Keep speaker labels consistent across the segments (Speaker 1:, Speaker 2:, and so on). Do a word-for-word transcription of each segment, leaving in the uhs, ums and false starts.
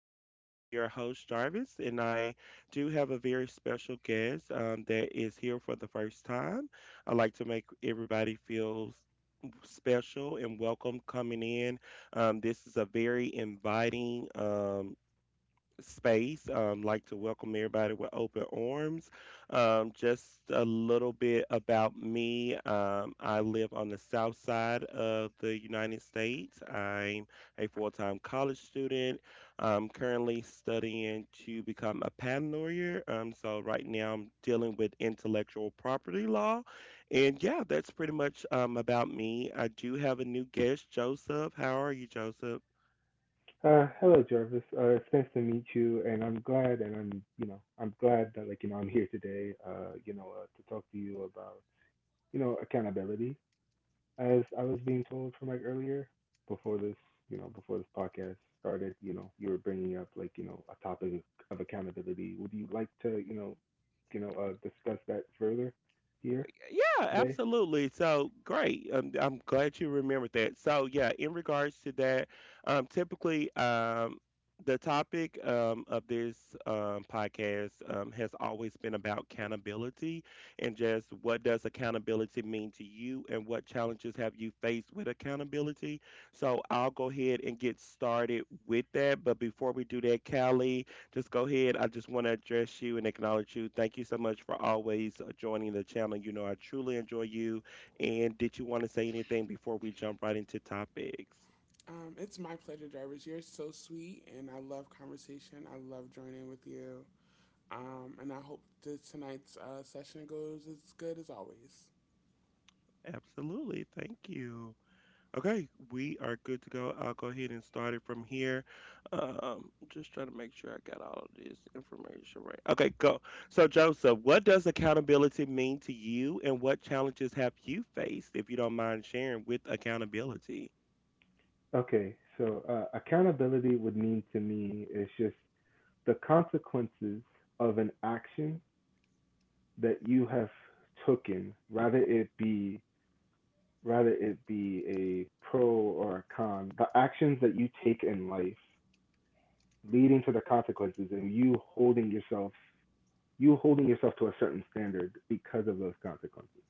Speaker 1: I am your host, Jarvis, and I do have a very special guest um, that is here for the first time. I like to make everybody feel s- special and welcome coming in. Um, this is a very inviting. Um, space. Um, like to welcome everybody with open arms. Um, just a little bit about me. Um, I live on the south side of the United States. I'm a full time college student. I'm currently studying to become a patent lawyer. Um, so, right now, I'm dealing with intellectual property law. And yeah, that's pretty much um, about me. I do have a new guest, Joseph. How are you, Joseph?
Speaker 2: Uh, hello, Jarvis. Uh, it's nice to meet you, and I'm glad, and I'm, you know, I'm glad that like you know I'm here today. Uh, you know, uh, to talk to you about, you know, accountability, as I was being told from like earlier, before this, you know, before this podcast started, you know, you were bringing up like you know a topic of accountability. Would you like to, you know, you know, uh, discuss that further here
Speaker 1: Yeah,
Speaker 2: today?
Speaker 1: absolutely. So great. Um, I'm glad you remembered that. So yeah, in regards to that, um, typically, um, the topic um, of this um, podcast um, has always been about accountability and just what does accountability mean to you and what challenges have you faced with accountability. So I'll go ahead and get started with that. But before we do that, Callie, just go ahead. I just want to address you and acknowledge you. Thank you so much for always uh, joining the channel. You know, I truly enjoy you. And did you want to say anything before we jump right into topics?
Speaker 3: Um, it's my pleasure, Jarvis. You're so sweet, and I love conversation. I love joining with you. Um, and I hope that tonight's uh, session goes as good as always.
Speaker 1: Absolutely. Thank you. Okay, we are good to go. I'll go ahead and start it from here. Um, just trying to make sure I got all of this information right. Okay, go. So, Joseph, what does accountability mean to you, and what challenges have you faced, if you don't mind sharing, with accountability?
Speaker 2: Okay, so uh, accountability would mean to me is just the consequences of an action that you have taken, rather it be rather it be a pro or a con, the actions that you take in life leading to the consequences, and you holding yourself you holding yourself to a certain standard because of those consequences.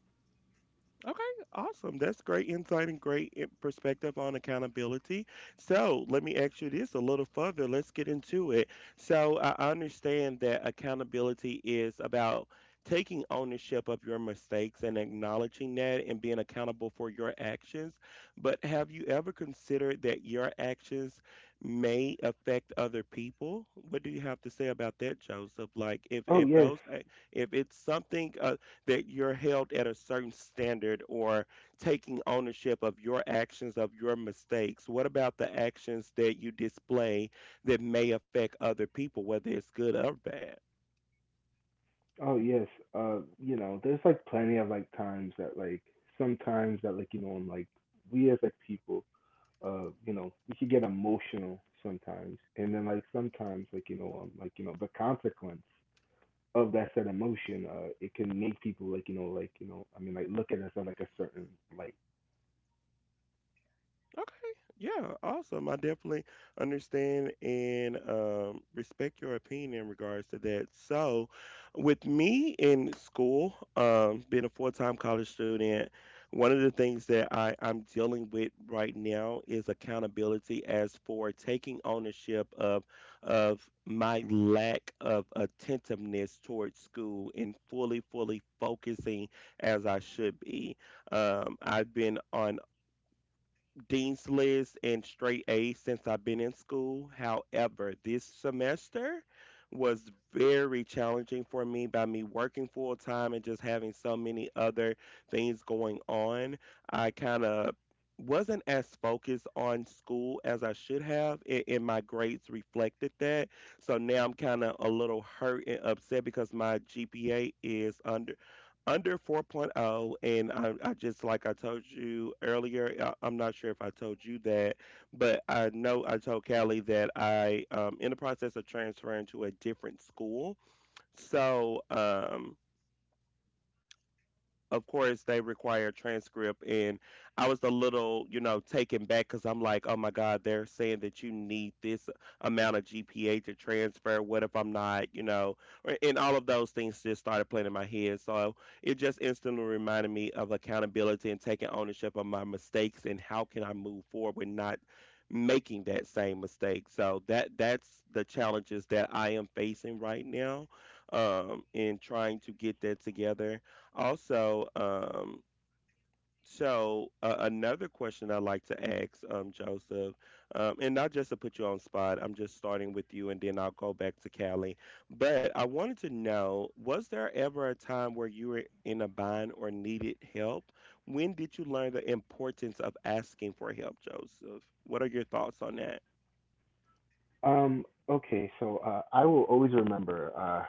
Speaker 1: Okay, awesome. That's great insight and great i- perspective on accountability. So, let me ask you this a little further. Let's get into it. So, I understand that accountability is about taking ownership of your mistakes and acknowledging that and being accountable for your actions. But have you ever considered that your actions may affect other people? What do you have to say about that, Joseph? Like, if
Speaker 2: Oh
Speaker 1: if
Speaker 2: yes.
Speaker 1: those eh, if it's something uh, that you're held at a certain standard or taking ownership of your actions, of your mistakes? What about the actions that you display that may affect other people, whether it's good or bad?
Speaker 2: Oh yes. Uh you know, there's like plenty of like times that like sometimes that like you know and like we as like people uh you know we could get emotional sometimes, and then like sometimes like you know um, like you know the consequence of that certain emotion, uh, it can make people like you know, like you know, I mean, like look at us in like a certain light.
Speaker 1: Okay. Yeah, awesome. I definitely understand and um, respect your opinion in regards to that. So, with me in school, um, being a full-time college student, one of the things that I, I'm dealing with right now is accountability as for taking ownership of of my lack of attentiveness towards school and fully, fully focusing as I should be. Um, I've been on Dean's List and straight A's since I've been in school. However, this semester was very challenging for me by me working full time and just having so many other things going on. I kind of wasn't as focused on school as I should have, a- and my grades reflected that. So now I'm kind of a little hurt and upset because my G P A is under under 4.0 and I, I just like I told you earlier I, I'm not sure if I told you that, but I know I told Callie that I um in the process of transferring to a different school. So um of course they require a transcript, and I was a little, you know, taken back because I'm like, oh my God, they're saying that you need this amount of GPA to transfer. What if I'm not, you know, or- and all of those things just started playing in my head. So it just instantly reminded me of accountability and taking ownership of my mistakes and how can I move forward with not making that same mistake. So that that's the challenges that I am facing right now, um in trying to get that together. Also, um, so uh, another question I like to ask um, Joseph, um, and not just to put you on spot, I'm just starting with you, and then I'll go back to Callie. But I wanted to know, was there ever a time where you were in a bind or needed help? When did you learn the importance of asking for help, Joseph? What are your thoughts on that?
Speaker 2: Um, okay, so uh, I will always remember, uh,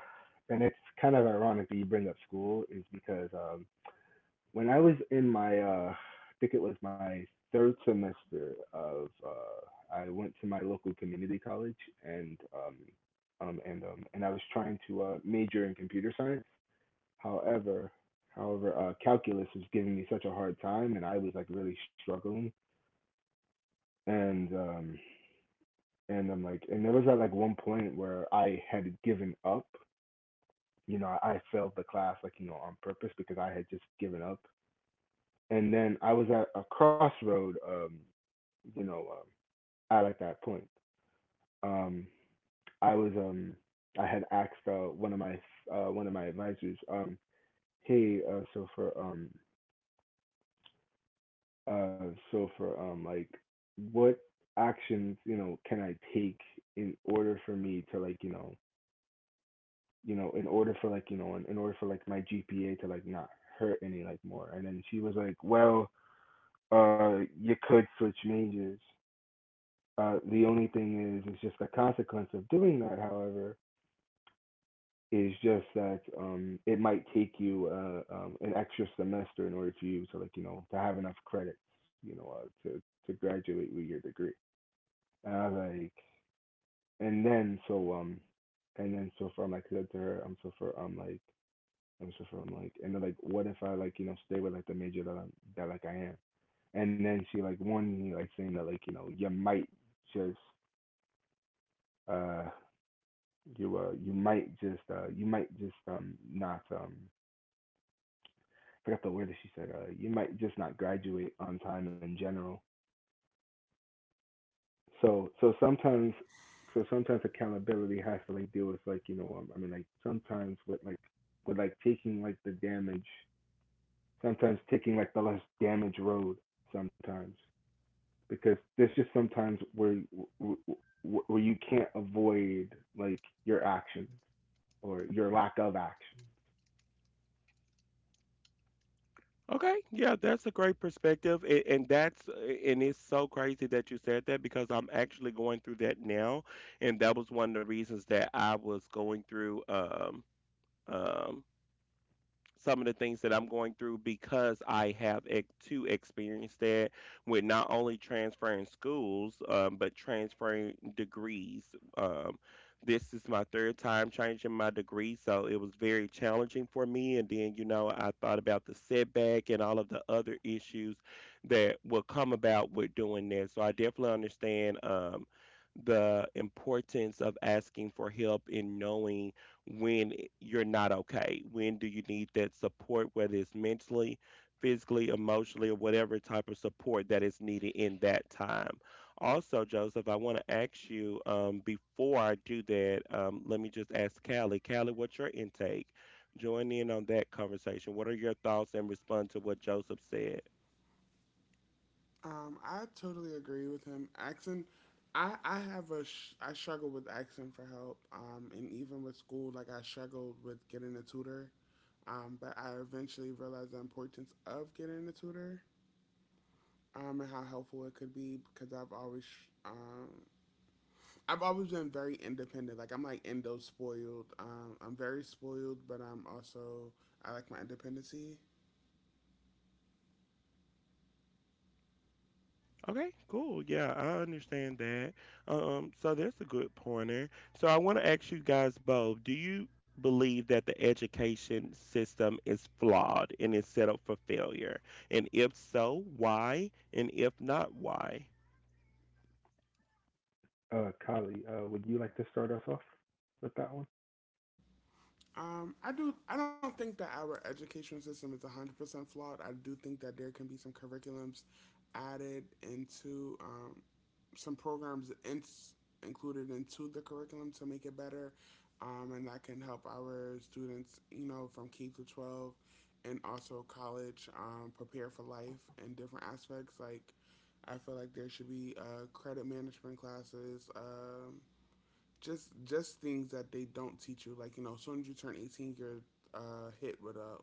Speaker 2: and it's kind of ironic that you bring up school, is because um, when I was in my, uh, I think it was my third semester of, uh, I went to my local community college and um, um, and um, and I was trying to uh, major in computer science. However, however, uh, calculus was giving me such a hard time, and I was like really struggling. And um, and I'm like, and there was at like one point where I had given up. You know, I failed the class like you know on purpose because I had just given up. And then I was at a crossroad. Um, you know, um, at like that point, um, I was um, I had asked uh, one of my uh, one of my advisors, um, hey, uh, so for um, Uh, so for um, like, what actions you know can I take in order for me to like you know you know in order for like you know in, in order for like my G P A to like not hurt any like more? And then she was like, well, uh, you could switch majors. Uh, the only thing is, it's just the consequence of doing that. However, is just that um, it might take you uh, um, an extra semester in order for you to like you know to have enough credits you know uh, to to graduate with your degree. And I was like, and then so um, and then so far I'm like said to her, I'm so far I'm like, I'm so far I'm like, and then like, What if I like you know stay with like the major that I'm that like I am, and then she like warned me like saying that like you know you might just uh you uh you might just uh you might just um not um I forgot the word that she said uh you might just not graduate on time in general. So so sometimes so sometimes accountability has to like deal with like you know um, I mean like sometimes with like with like taking like the damage, sometimes taking like the less damage road sometimes, because there's just sometimes where where, where you can't avoid like your actions or your lack of action.
Speaker 1: Okay, yeah, that's a great perspective, and, and that's and it's so crazy that you said that because I'm actually going through that now, and that was one of the reasons that I was going through um um some of the things that I'm going through because I have ex- to experience that with not only transferring schools, um, but transferring degrees. Um, this is my third time changing my degree, so it was very challenging for me. And then, you know, I thought about the setback and all of the other issues that will come about with doing that. So I definitely understand um, the importance of asking for help in knowing when you're not okay? When do you need that support, whether it's mentally, physically, emotionally, or whatever type of support that is needed in that time? Also, Joseph, I want to ask you um, before I do that, um, let me just ask Callie. Callie, what's your intake? Join in on that conversation. What are your thoughts and respond to what Joseph said?
Speaker 3: Um, I totally agree with him. Accent, I, I have a, sh- I struggle with accent for help. Um, and even with school, like I struggled with getting a tutor. Um, but I eventually realized the importance of getting a tutor, um, and how helpful it could be because I've always um, I've always been very independent. Like I'm like Indo spoiled. Um, I'm very spoiled, but I'm also I like my independency.
Speaker 1: Okay, cool. Yeah, I understand that. Um, so that's a good pointer. So I want to ask you guys both, do you believe that the education system is flawed and is set up for failure? And if so, why? And if not, why?
Speaker 2: Uh, Kali, uh, would you like to start us off with that one?
Speaker 3: Um, I do. I don't think that our education system is one hundred percent flawed. I do think that there can be some curriculums added into um, some programs in, included into the curriculum to make it better, um, and that can help our students, you know, from K to twelve, and also college, um, prepare for life in different aspects. Like, I feel like there should be uh, credit management classes. Um, just just things that they don't teach you. Like you know, as soon as you turn eighteen, you're uh, hit with a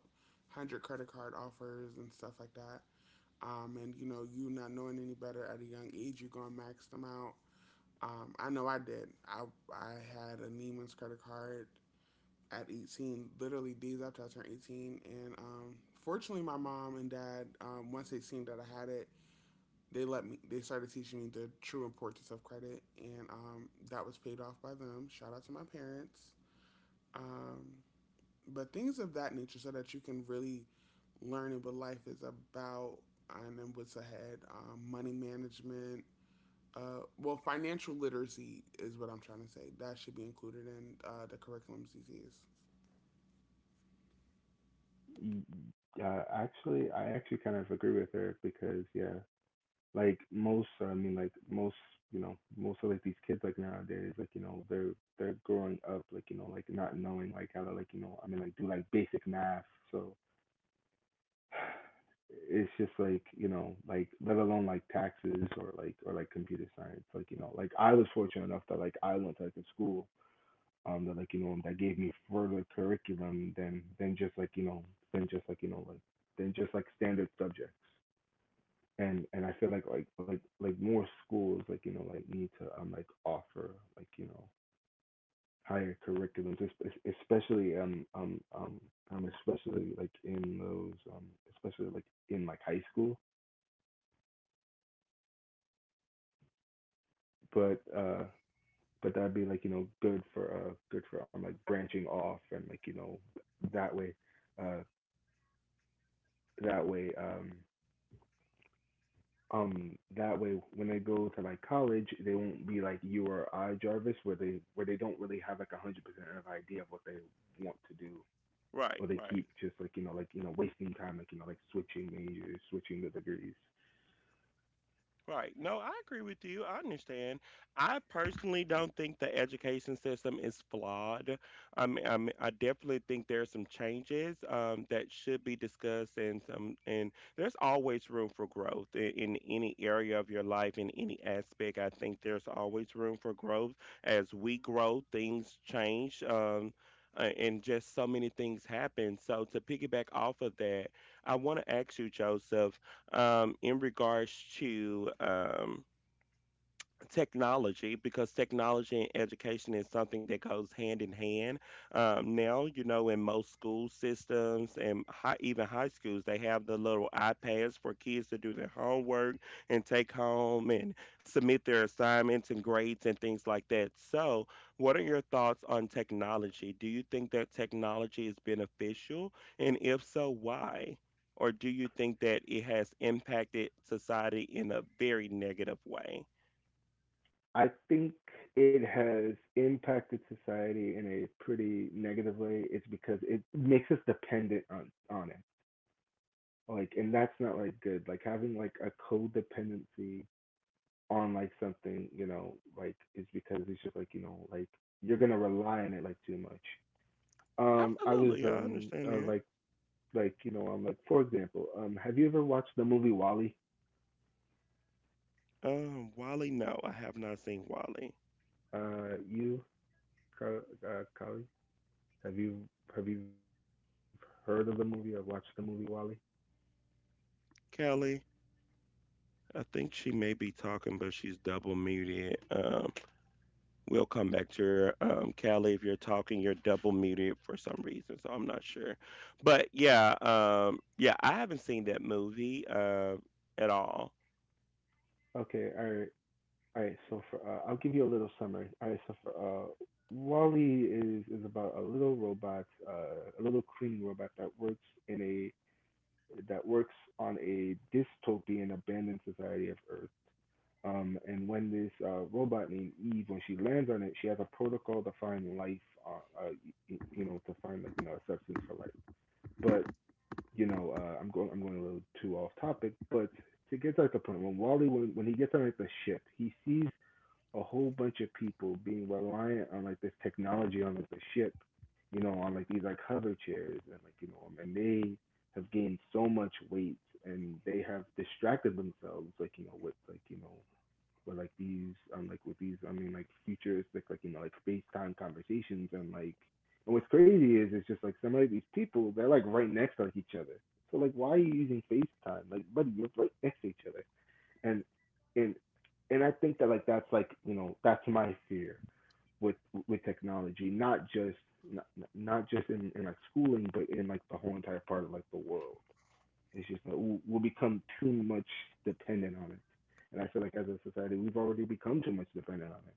Speaker 3: hundred credit card offers and stuff like that. Um, and you know, you not knowing any better at a young age, you're gonna max them out. Um, I know I did. I I had a Neiman's credit card at eighteen, literally days after I turned eighteen, and um, fortunately, my mom and dad, um, once they seen that I had it, they let me they started teaching me the true importance of credit, and um, that was paid off by them. Shout out to my parents. um, but things of that nature so that you can really learn what life is about and what's ahead. Um, money management, uh, well, financial literacy is what I'm trying to say that should be included in uh, the curriculum. CCS,
Speaker 2: Y- Uh, actually, I actually kind of agree with her because yeah, like most uh, i mean like most you know most of like these kids like nowadays like you know they're they're growing up like you know like not knowing like how to like you know i mean like do like basic math. So it's just like you know like let alone like taxes or like or like computer science. like you know like I was fortunate enough that like I went to like a school um that like you know that gave me further curriculum than than just like you know than just like you know like than just like standard subjects. And and I feel like like like like more schools like you know like need to um like offer like you know higher curriculums, es- es- especially um um um um especially like in those um especially like in like high school, but uh but that'd be like you know good for uh good for um like branching off, and like you know that way uh that way um Um, that way when they go to like college, they won't be like you or I, Jarvis, where they where they don't really have like a hundred percent of idea of what they want to do,
Speaker 1: Right,
Speaker 2: or they
Speaker 1: right.
Speaker 2: keep just like you know like you know wasting time like you know like switching majors, switching the degrees.
Speaker 1: Right. No, I agree with you. I understand. I personally don't think the education system is flawed. I mean, I, mean, I definitely think there are some changes um, that should be discussed, and some, and there's always room for growth in, in any area of your life, in any aspect. I think there's always room for growth. As we grow, things change, um, a- and just so many things happen. So to piggyback off of that, I want to ask you, Joseph, um, in regards to um, technology, because technology and education is something that goes hand in hand. Um, now, you know, in most school systems and high, even high schools, they have the little ipads for kids to do their homework and take home and submit their assignments and grades and things like that. So what are your thoughts on technology? Do you think that technology is beneficial, and if so, why? Or do you think that it has impacted society in a very negative way?
Speaker 2: I think it has impacted society in a pretty negative way. It's because it makes us dependent on on it, like, and that's not like good. Like having like a codependency on like something, you know, like is because it's just like, you know, like you're gonna rely on it like too much. Um, I was
Speaker 1: Absolutely, I
Speaker 2: um
Speaker 1: understand
Speaker 2: uh,
Speaker 1: that.
Speaker 2: like like you know um like For example, um, have you ever watched the movie Wall-E?
Speaker 1: Um, Wally, no, I have not seen Wally.
Speaker 2: Uh, you, Ka- uh, Kali, have you have you heard of the movie or watched the movie Wall-E?
Speaker 1: Kelly, I think she may be talking, but she's double muted. Um, we'll come back to her. Um, Kelly, if you're talking, you're double muted for some reason, so I'm not sure. But yeah, um, yeah, I haven't seen that movie uh, at all.
Speaker 2: Okay, all right, all right. So for uh, I'll give you a little summary. All right, so for uh, e is is about a little robot, uh, a little cleaning robot that works in that works on a dystopian abandoned society of Earth. Um, and When this uh, robot named Eve, when she lands on it, she has a protocol to find life, uh, uh, y- you know, to find like you know a substance for life. But you know, uh, I'm going I'm going a little too off topic, but to get to like the point, when Wally when when he gets on like the ship, he sees a whole bunch of people being reliant on like this technology on like the ship, you know, on like these like hover chairs, and like you know, and they have gained so much weight, and they have distracted themselves like you know with like you know with like these um like with these I mean like futuristic like like, you know like space time conversations. And like and what's crazy is it's just like some of these people, they're like right next to like each other. So like, why are you using FaceTime? Like, buddy, you're right next to each other. And and and I think that like that's like, you know, that's my fear with with technology, not just not, not just in, in like schooling, but in like the whole entire part of like the world. It's just that we'll, we'll become too much dependent on it. And I feel like as a society, we've already become too much dependent on it.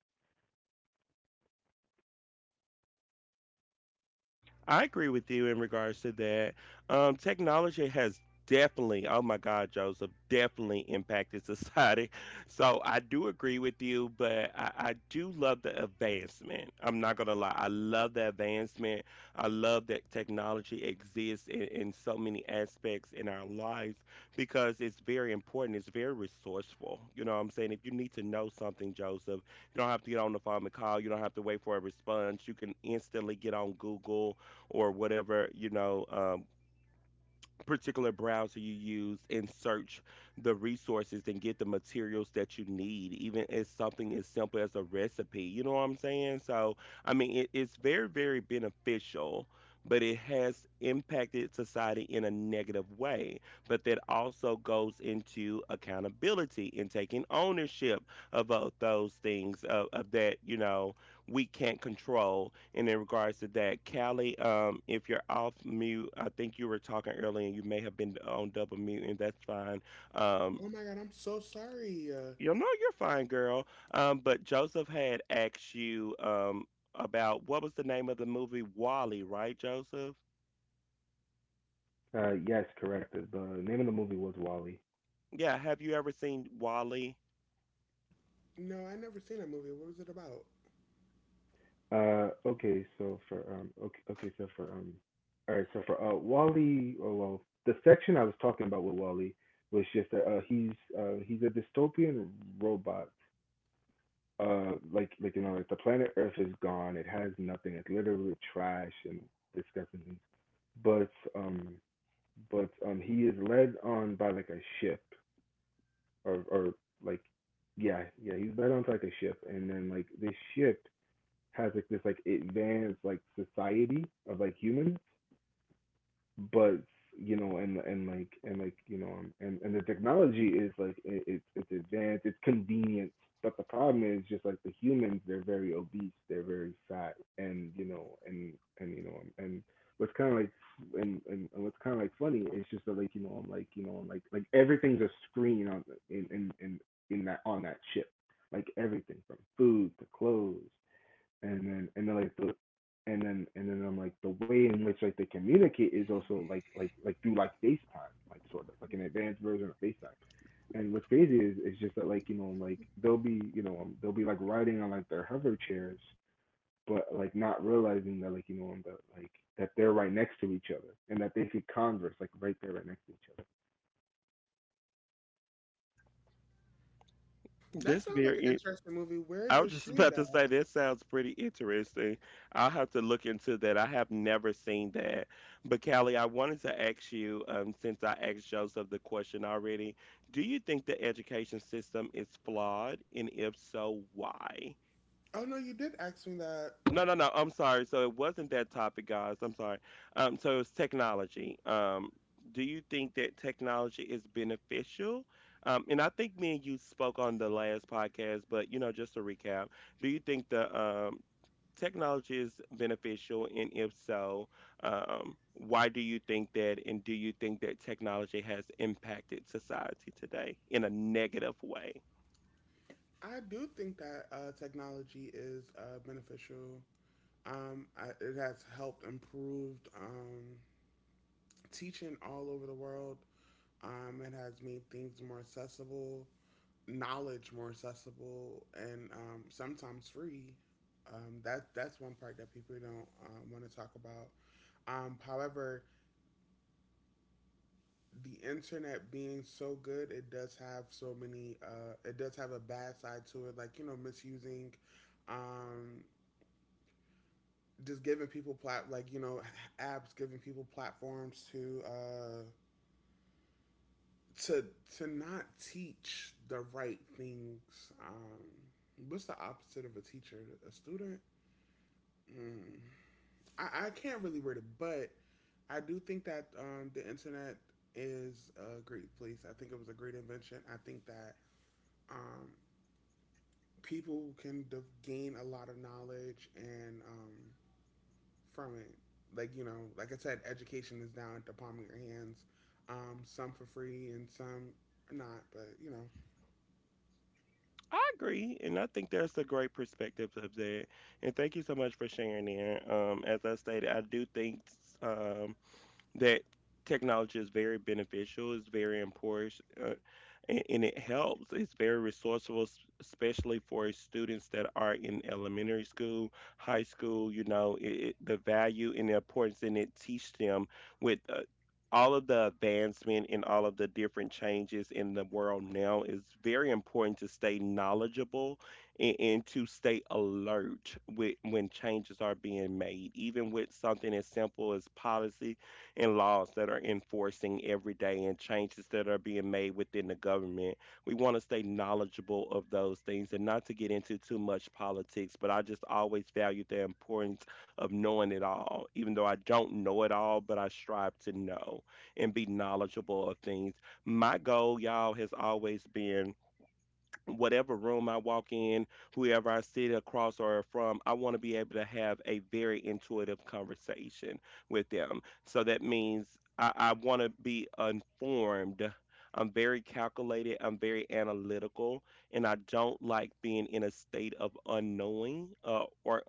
Speaker 1: I agree with you in regards to that. Um, technology has definitely, oh my God, Joseph, definitely impacted society. So I do agree with you, but I, I do love the advancement. I'm not gonna lie, I love the advancement. I love that technology exists in, in so many aspects in our lives because it's very important. It's very resourceful. You know what I'm saying? If you need to know something, Joseph, you don't have to get on the phone and call. You don't have to wait for a response. You can instantly get on Google or whatever you know um, particular browser you use and search the resources and get the materials that you need, even if something as simple as a recipe, you know what I'm saying? So I mean it, it's very very beneficial, but it has impacted society in a negative way. But that also goes into accountability and taking ownership of both those things, of, of that, you know, we can't control. And in regards to that, Callie, um, if you're off mute, I think you were talking earlier and you may have been on double mute, and that's fine. Um,
Speaker 3: oh my god, I'm so sorry. Uh,
Speaker 1: you know, you're fine, girl. Um, but Joseph had asked you um, about what was the name of the movie Wally, right, Joseph?
Speaker 2: Uh, yes, correct. The name of the movie was Wall-E.
Speaker 1: Yeah, have you ever seen Wally?
Speaker 3: no, I never seen that movie. What was it about?
Speaker 2: Uh, okay, so for um, okay, okay, so for um, all right, so for uh, Wall-E. Oh well, the section I was talking about with Wall-E was just that uh, he's uh, he's a dystopian robot. Uh, like like you know, like, the planet Earth is gone. It has nothing. It's literally trash and disgusting things. But um, but um he is led on by like a ship or or like yeah, yeah, he's led on to like a ship, and then like this ship has like this like advanced like society of like humans, but you know, and and like and like you know um, and and the technology is like it, it's it's advanced, it's convenient, but the problem is just like the humans, they're very obese, they're very fat. And you know and and you know um, and what's kind of like and, and and what's kind of like funny is just that like you know I'm like you know I'm like like everything's a screen on the- in in in in that on that ship, like everything from food to clothes, and then and then like the and then and then I'm like the way in which like they communicate is also like like like through like FaceTime, like sort of like an advanced version of FaceTime. And what's crazy is it's just that like you know like they'll be you know um, they'll be like riding on like their hover chairs, but like not realizing that like you know um, that like that they're right next to each other, and that they could converse like right there right next to each other.
Speaker 3: That
Speaker 1: This
Speaker 3: sounds like an
Speaker 1: very
Speaker 3: interesting movie. Where is
Speaker 1: I was
Speaker 3: it
Speaker 1: just
Speaker 3: streamed
Speaker 1: about to
Speaker 3: at?
Speaker 1: say that sounds pretty interesting. I'll have to look into that. I have never seen that. But Callie, I wanted to ask you, um, since I asked Joseph the question already, do you think the education system is flawed? And if so, why?
Speaker 3: Oh no, you did ask me that.
Speaker 1: No, no, no. I'm sorry. So it wasn't that topic, guys. I'm sorry. Um, so it was technology. Um, do you think that technology is beneficial? Um, and I think me and you spoke on the last podcast, but, you know, just to recap, do you think the um, technology is beneficial, and if so, um, why do you think that? And do you think that technology has impacted society today in a negative way?
Speaker 3: I do think that uh, technology is uh, beneficial. Um, I, it has helped improved um, teaching all over the world. Um, it has made things more accessible, knowledge more accessible, and um, sometimes free. Um, that that's one part that people don't uh, want to talk about. Um, however, the internet being so good, it does have so many. Uh, it does have a bad side to it, like you know, misusing, um, just giving people plat like you know, apps giving people platforms to uh, to to not teach the right things. Um, what's the opposite of a teacher? A student? Mm. I, I can't really word it, but I do think that um, the internet is a great place. I think it was a great invention. I think that um, people can gain a lot of knowledge, and um, from it. Like you know, like I said, education is now at the palm of your hands. Um, some for free and some not, but you know,
Speaker 1: I agree, and I think that's a great perspective of that. And thank you so much for sharing there. Um, as I stated, I do think um, that technology is very beneficial, it's very important, uh, and, and it helps. It's very resourceful, s- especially for students that are in elementary school, high school. You know, it, it, the value and the importance, and it teach them with. Uh, all of the advancement and all of the different changes in the world now. It's very important to stay knowledgeable and, and to stay alert with, when changes are being made. Even with something as simple as policy, and laws that are enforcing every day and changes that are being made within the government. We want to stay knowledgeable of those things and not to get into too much politics, but I just always value the importance of knowing it all, even though I don't know it all, but I strive to know and be knowledgeable of things. My goal, y'all, has always been whatever room I walk in, whoever I sit across or from, I want to be able to have a very intuitive conversation with them. So that means I, I want to be informed. I'm very calculated, I'm very analytical, and I don't like being in a state of unknowing uh, or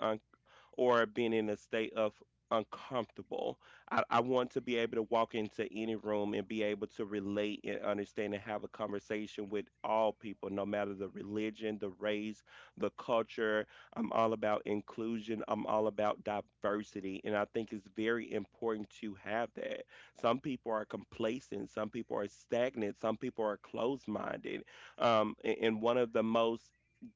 Speaker 1: or being in a state of uncomfortable. I, I want to be able to walk into any room and be able to relate and understand and have a conversation with all people, no matter the religion, the race, the culture. I'm all about inclusion. I'm all about diversity. And I think it's very important to have that. Some people are complacent. Some people are stagnant. Some people are closed minded. Um, a- and one of the most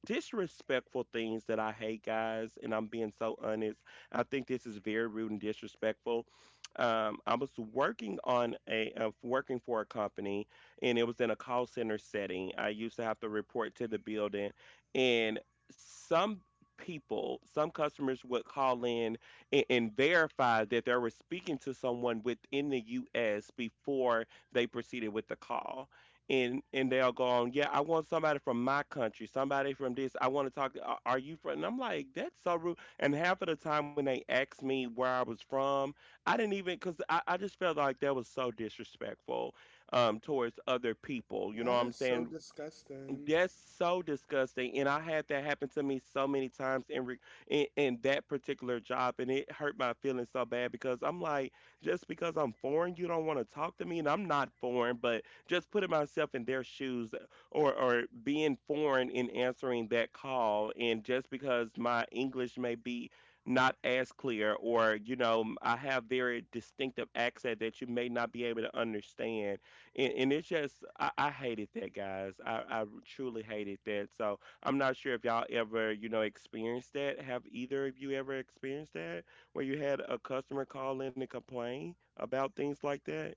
Speaker 1: disrespectful things that I hate, guys, and I'm being so honest. I think this is very rude and disrespectful. Um, I was working on a uh, working for a company, and it was in a call center setting. I used to have to report to the building, and some people, some customers would call in and, and verify that they were speaking to someone within the U S before they proceeded with the call and and they'll go on, yeah, I want somebody from my country, somebody from this. I want to talk. to- Are are you from? And I'm like, that's so rude. And half of the time when they asked me where I was from, I didn't even because I, I just felt like that was so disrespectful um, towards other people. You know what
Speaker 3: that
Speaker 1: I'm
Speaker 3: is so
Speaker 1: saying?
Speaker 3: disgusting.
Speaker 1: That's so disgusting. And I had that happen to me so many times in, re- in in that particular job and it hurt my feelings so bad because I'm like just because I'm foreign you don't want to talk to me and I'm not foreign but just putting myself in their shoes or or being foreign in answering that call and just because my English may be not as clear or you know I have very distinctive accent that you may not be able to understand and, and it's just, I, I hated that, guys. I, I truly hated that. So I'm not sure if y'all ever, you know, experienced that. Have either of you ever experienced that where you had a customer call in and complain about things like that?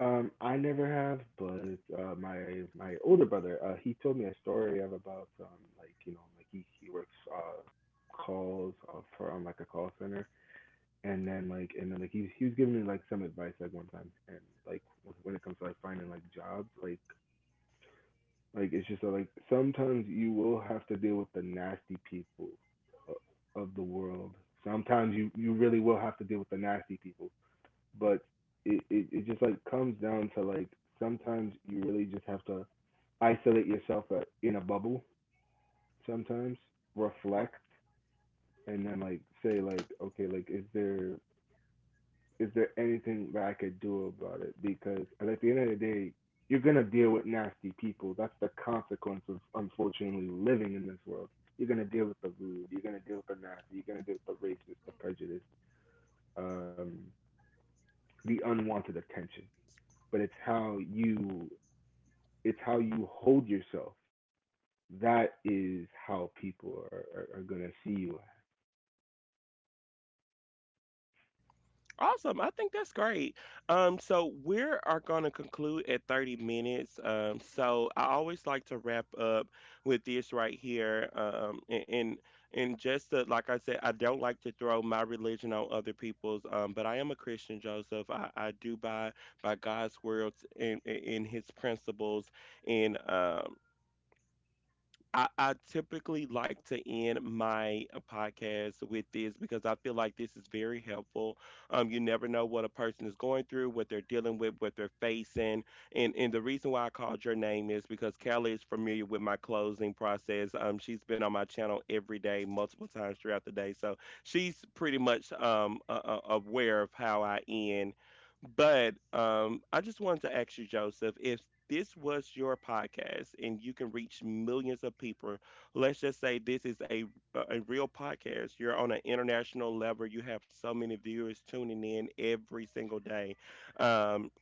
Speaker 2: Um, I never have, but uh, my my older brother, uh, he told me a story of about um, like you know like he he works uh calls uh, for on like a call center, and then like and then like he he was giving me like some advice like one time, and like when when it comes to like finding like jobs, like like it's just uh, like sometimes you will have to deal with the nasty people o- of the world. Sometimes you you really will have to deal with the nasty people, but it, it it just like comes down to like sometimes you really just have to isolate yourself uh, in a bubble, sometimes reflect, and then like say like, okay, like is there is there anything that I could do about it? Because at the end of the day, you're going to deal with nasty people. That's the consequence of unfortunately living in this world. You're going to deal with the rude, you're going to deal with the nasty, you're going to deal with the racist, the prejudice, um the unwanted attention. But it's how you it's how you hold yourself. That is how people are, are, are gonna see you.
Speaker 1: Awesome. I think that's great. Um, so we are going to conclude at thirty minutes. Um, so I always like to wrap up with this right here. Um, and, and and just to, like I said, I don't like to throw my religion on other people's. Um, but I am a Christian, Joseph. I, I do by by God's words and in, in His principles. And um, I, I typically like to end my uh, podcast with this because I feel like this is very helpful. Um, you never know what a person is going through, what they're dealing with, what they're facing. And and the reason why I called your name is because Kelly is familiar with my closing process. Um, she's been on my channel every day, multiple times throughout the day, so she's pretty much um uh, uh, aware of how I end but um, I just wanted to ask you, Joseph, if this was your podcast and you can reach millions of people, let's just say this is a a real podcast. You're on an international level. You have so many viewers tuning in every single day. Um,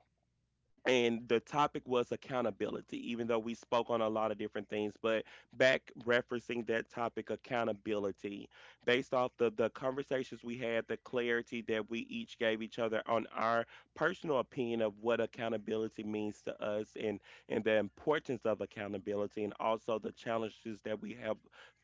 Speaker 1: and the topic was accountability even though we spoke on a lot of different things but back referencing that topic accountability based off the the conversations we had the clarity that we each gave each other on our personal opinion of what accountability means to us and and the importance of accountability and also the challenges that we have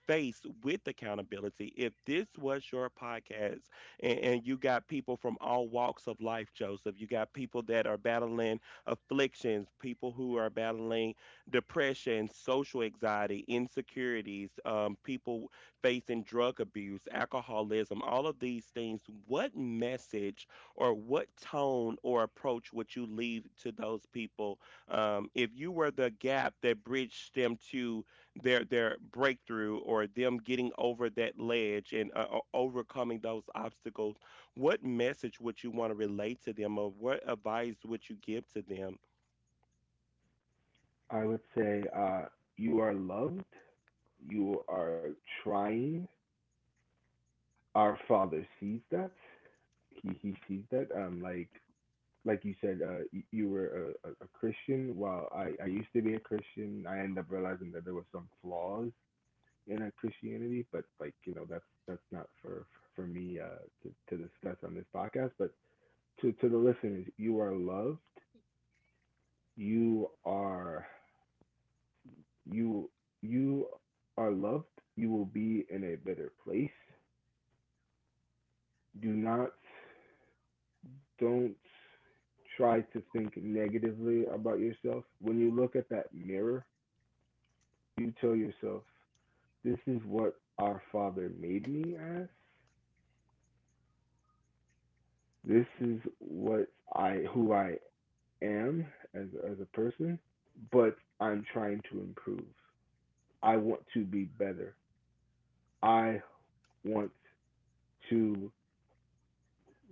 Speaker 1: faced with accountability if this was your podcast and, and you got people from all walks of life Joseph you got people that are battling afflictions, people who are battling depression, social anxiety, insecurities, um, people facing drug abuse, alcoholism, all of these things. What message or what tone or approach would you leave to those people um, if you were the gap that bridged them to their their breakthrough or them getting over that ledge and uh, o- overcoming those obstacles? What message would you want to relate to them or what advice would you give to them.
Speaker 2: I would say uh, you are loved. You are trying. Our Father sees that. He he sees that. Um, like like you said, uh, you were a, a a Christian. While I I used to be a Christian, I ended up realizing that there were some flaws in a Christianity. But like you know, that's that's not for for me uh, to to discuss on this podcast. But to to the listeners, you are loved. you are you you are loved. You will be in a better place. Do not don't try to think negatively about yourself. When you look at that mirror, you tell yourself, this is what our Father made me as. This is what I who I am as as a person, but I'm trying to improve. I want to be better. I want to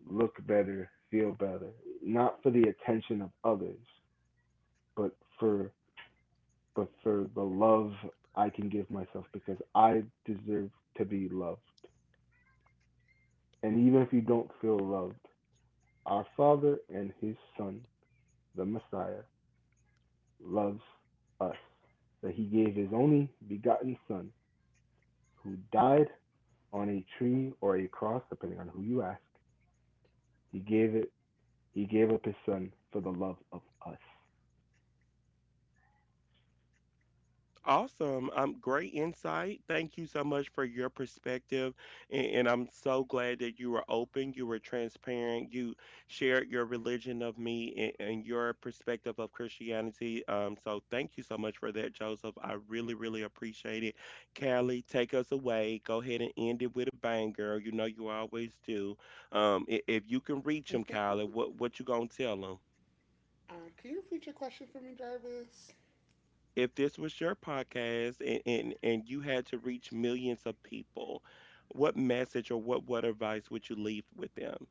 Speaker 2: look better, feel better, not for the attention of others, but for but for the love I can give myself, because I deserve to be loved. And even if you don't feel loved, our Father and his Son, the Messiah, loves us. That he gave his only begotten Son, who died on a tree or a cross, depending on who you ask. He gave it he gave up his Son for the love of us.
Speaker 1: Awesome, um great insight, thank you so much for your perspective and, and I'm so glad that you were open, you were transparent, you shared your religion of me and, and your perspective of Christianity, um so thank you so much for that, Joseph. I really really appreciate it. Callie, take us away. Go ahead and end it with a bang, girl, you know you always do. um i- if you can reach him, Callie, what what you gonna tell him?
Speaker 3: Um, can you repeat your question for me, Jarvis?
Speaker 1: If this was your podcast and, and and you had to reach millions of people, what message or what what advice would you leave with them?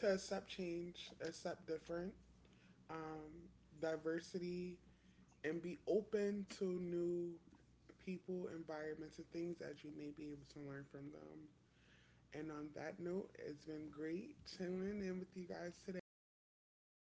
Speaker 3: To accept change, accept different, um, diversity, and be open to new people, environments, and things as you may be able to learn from them. And on that note, it's been great chilling in with you guys today.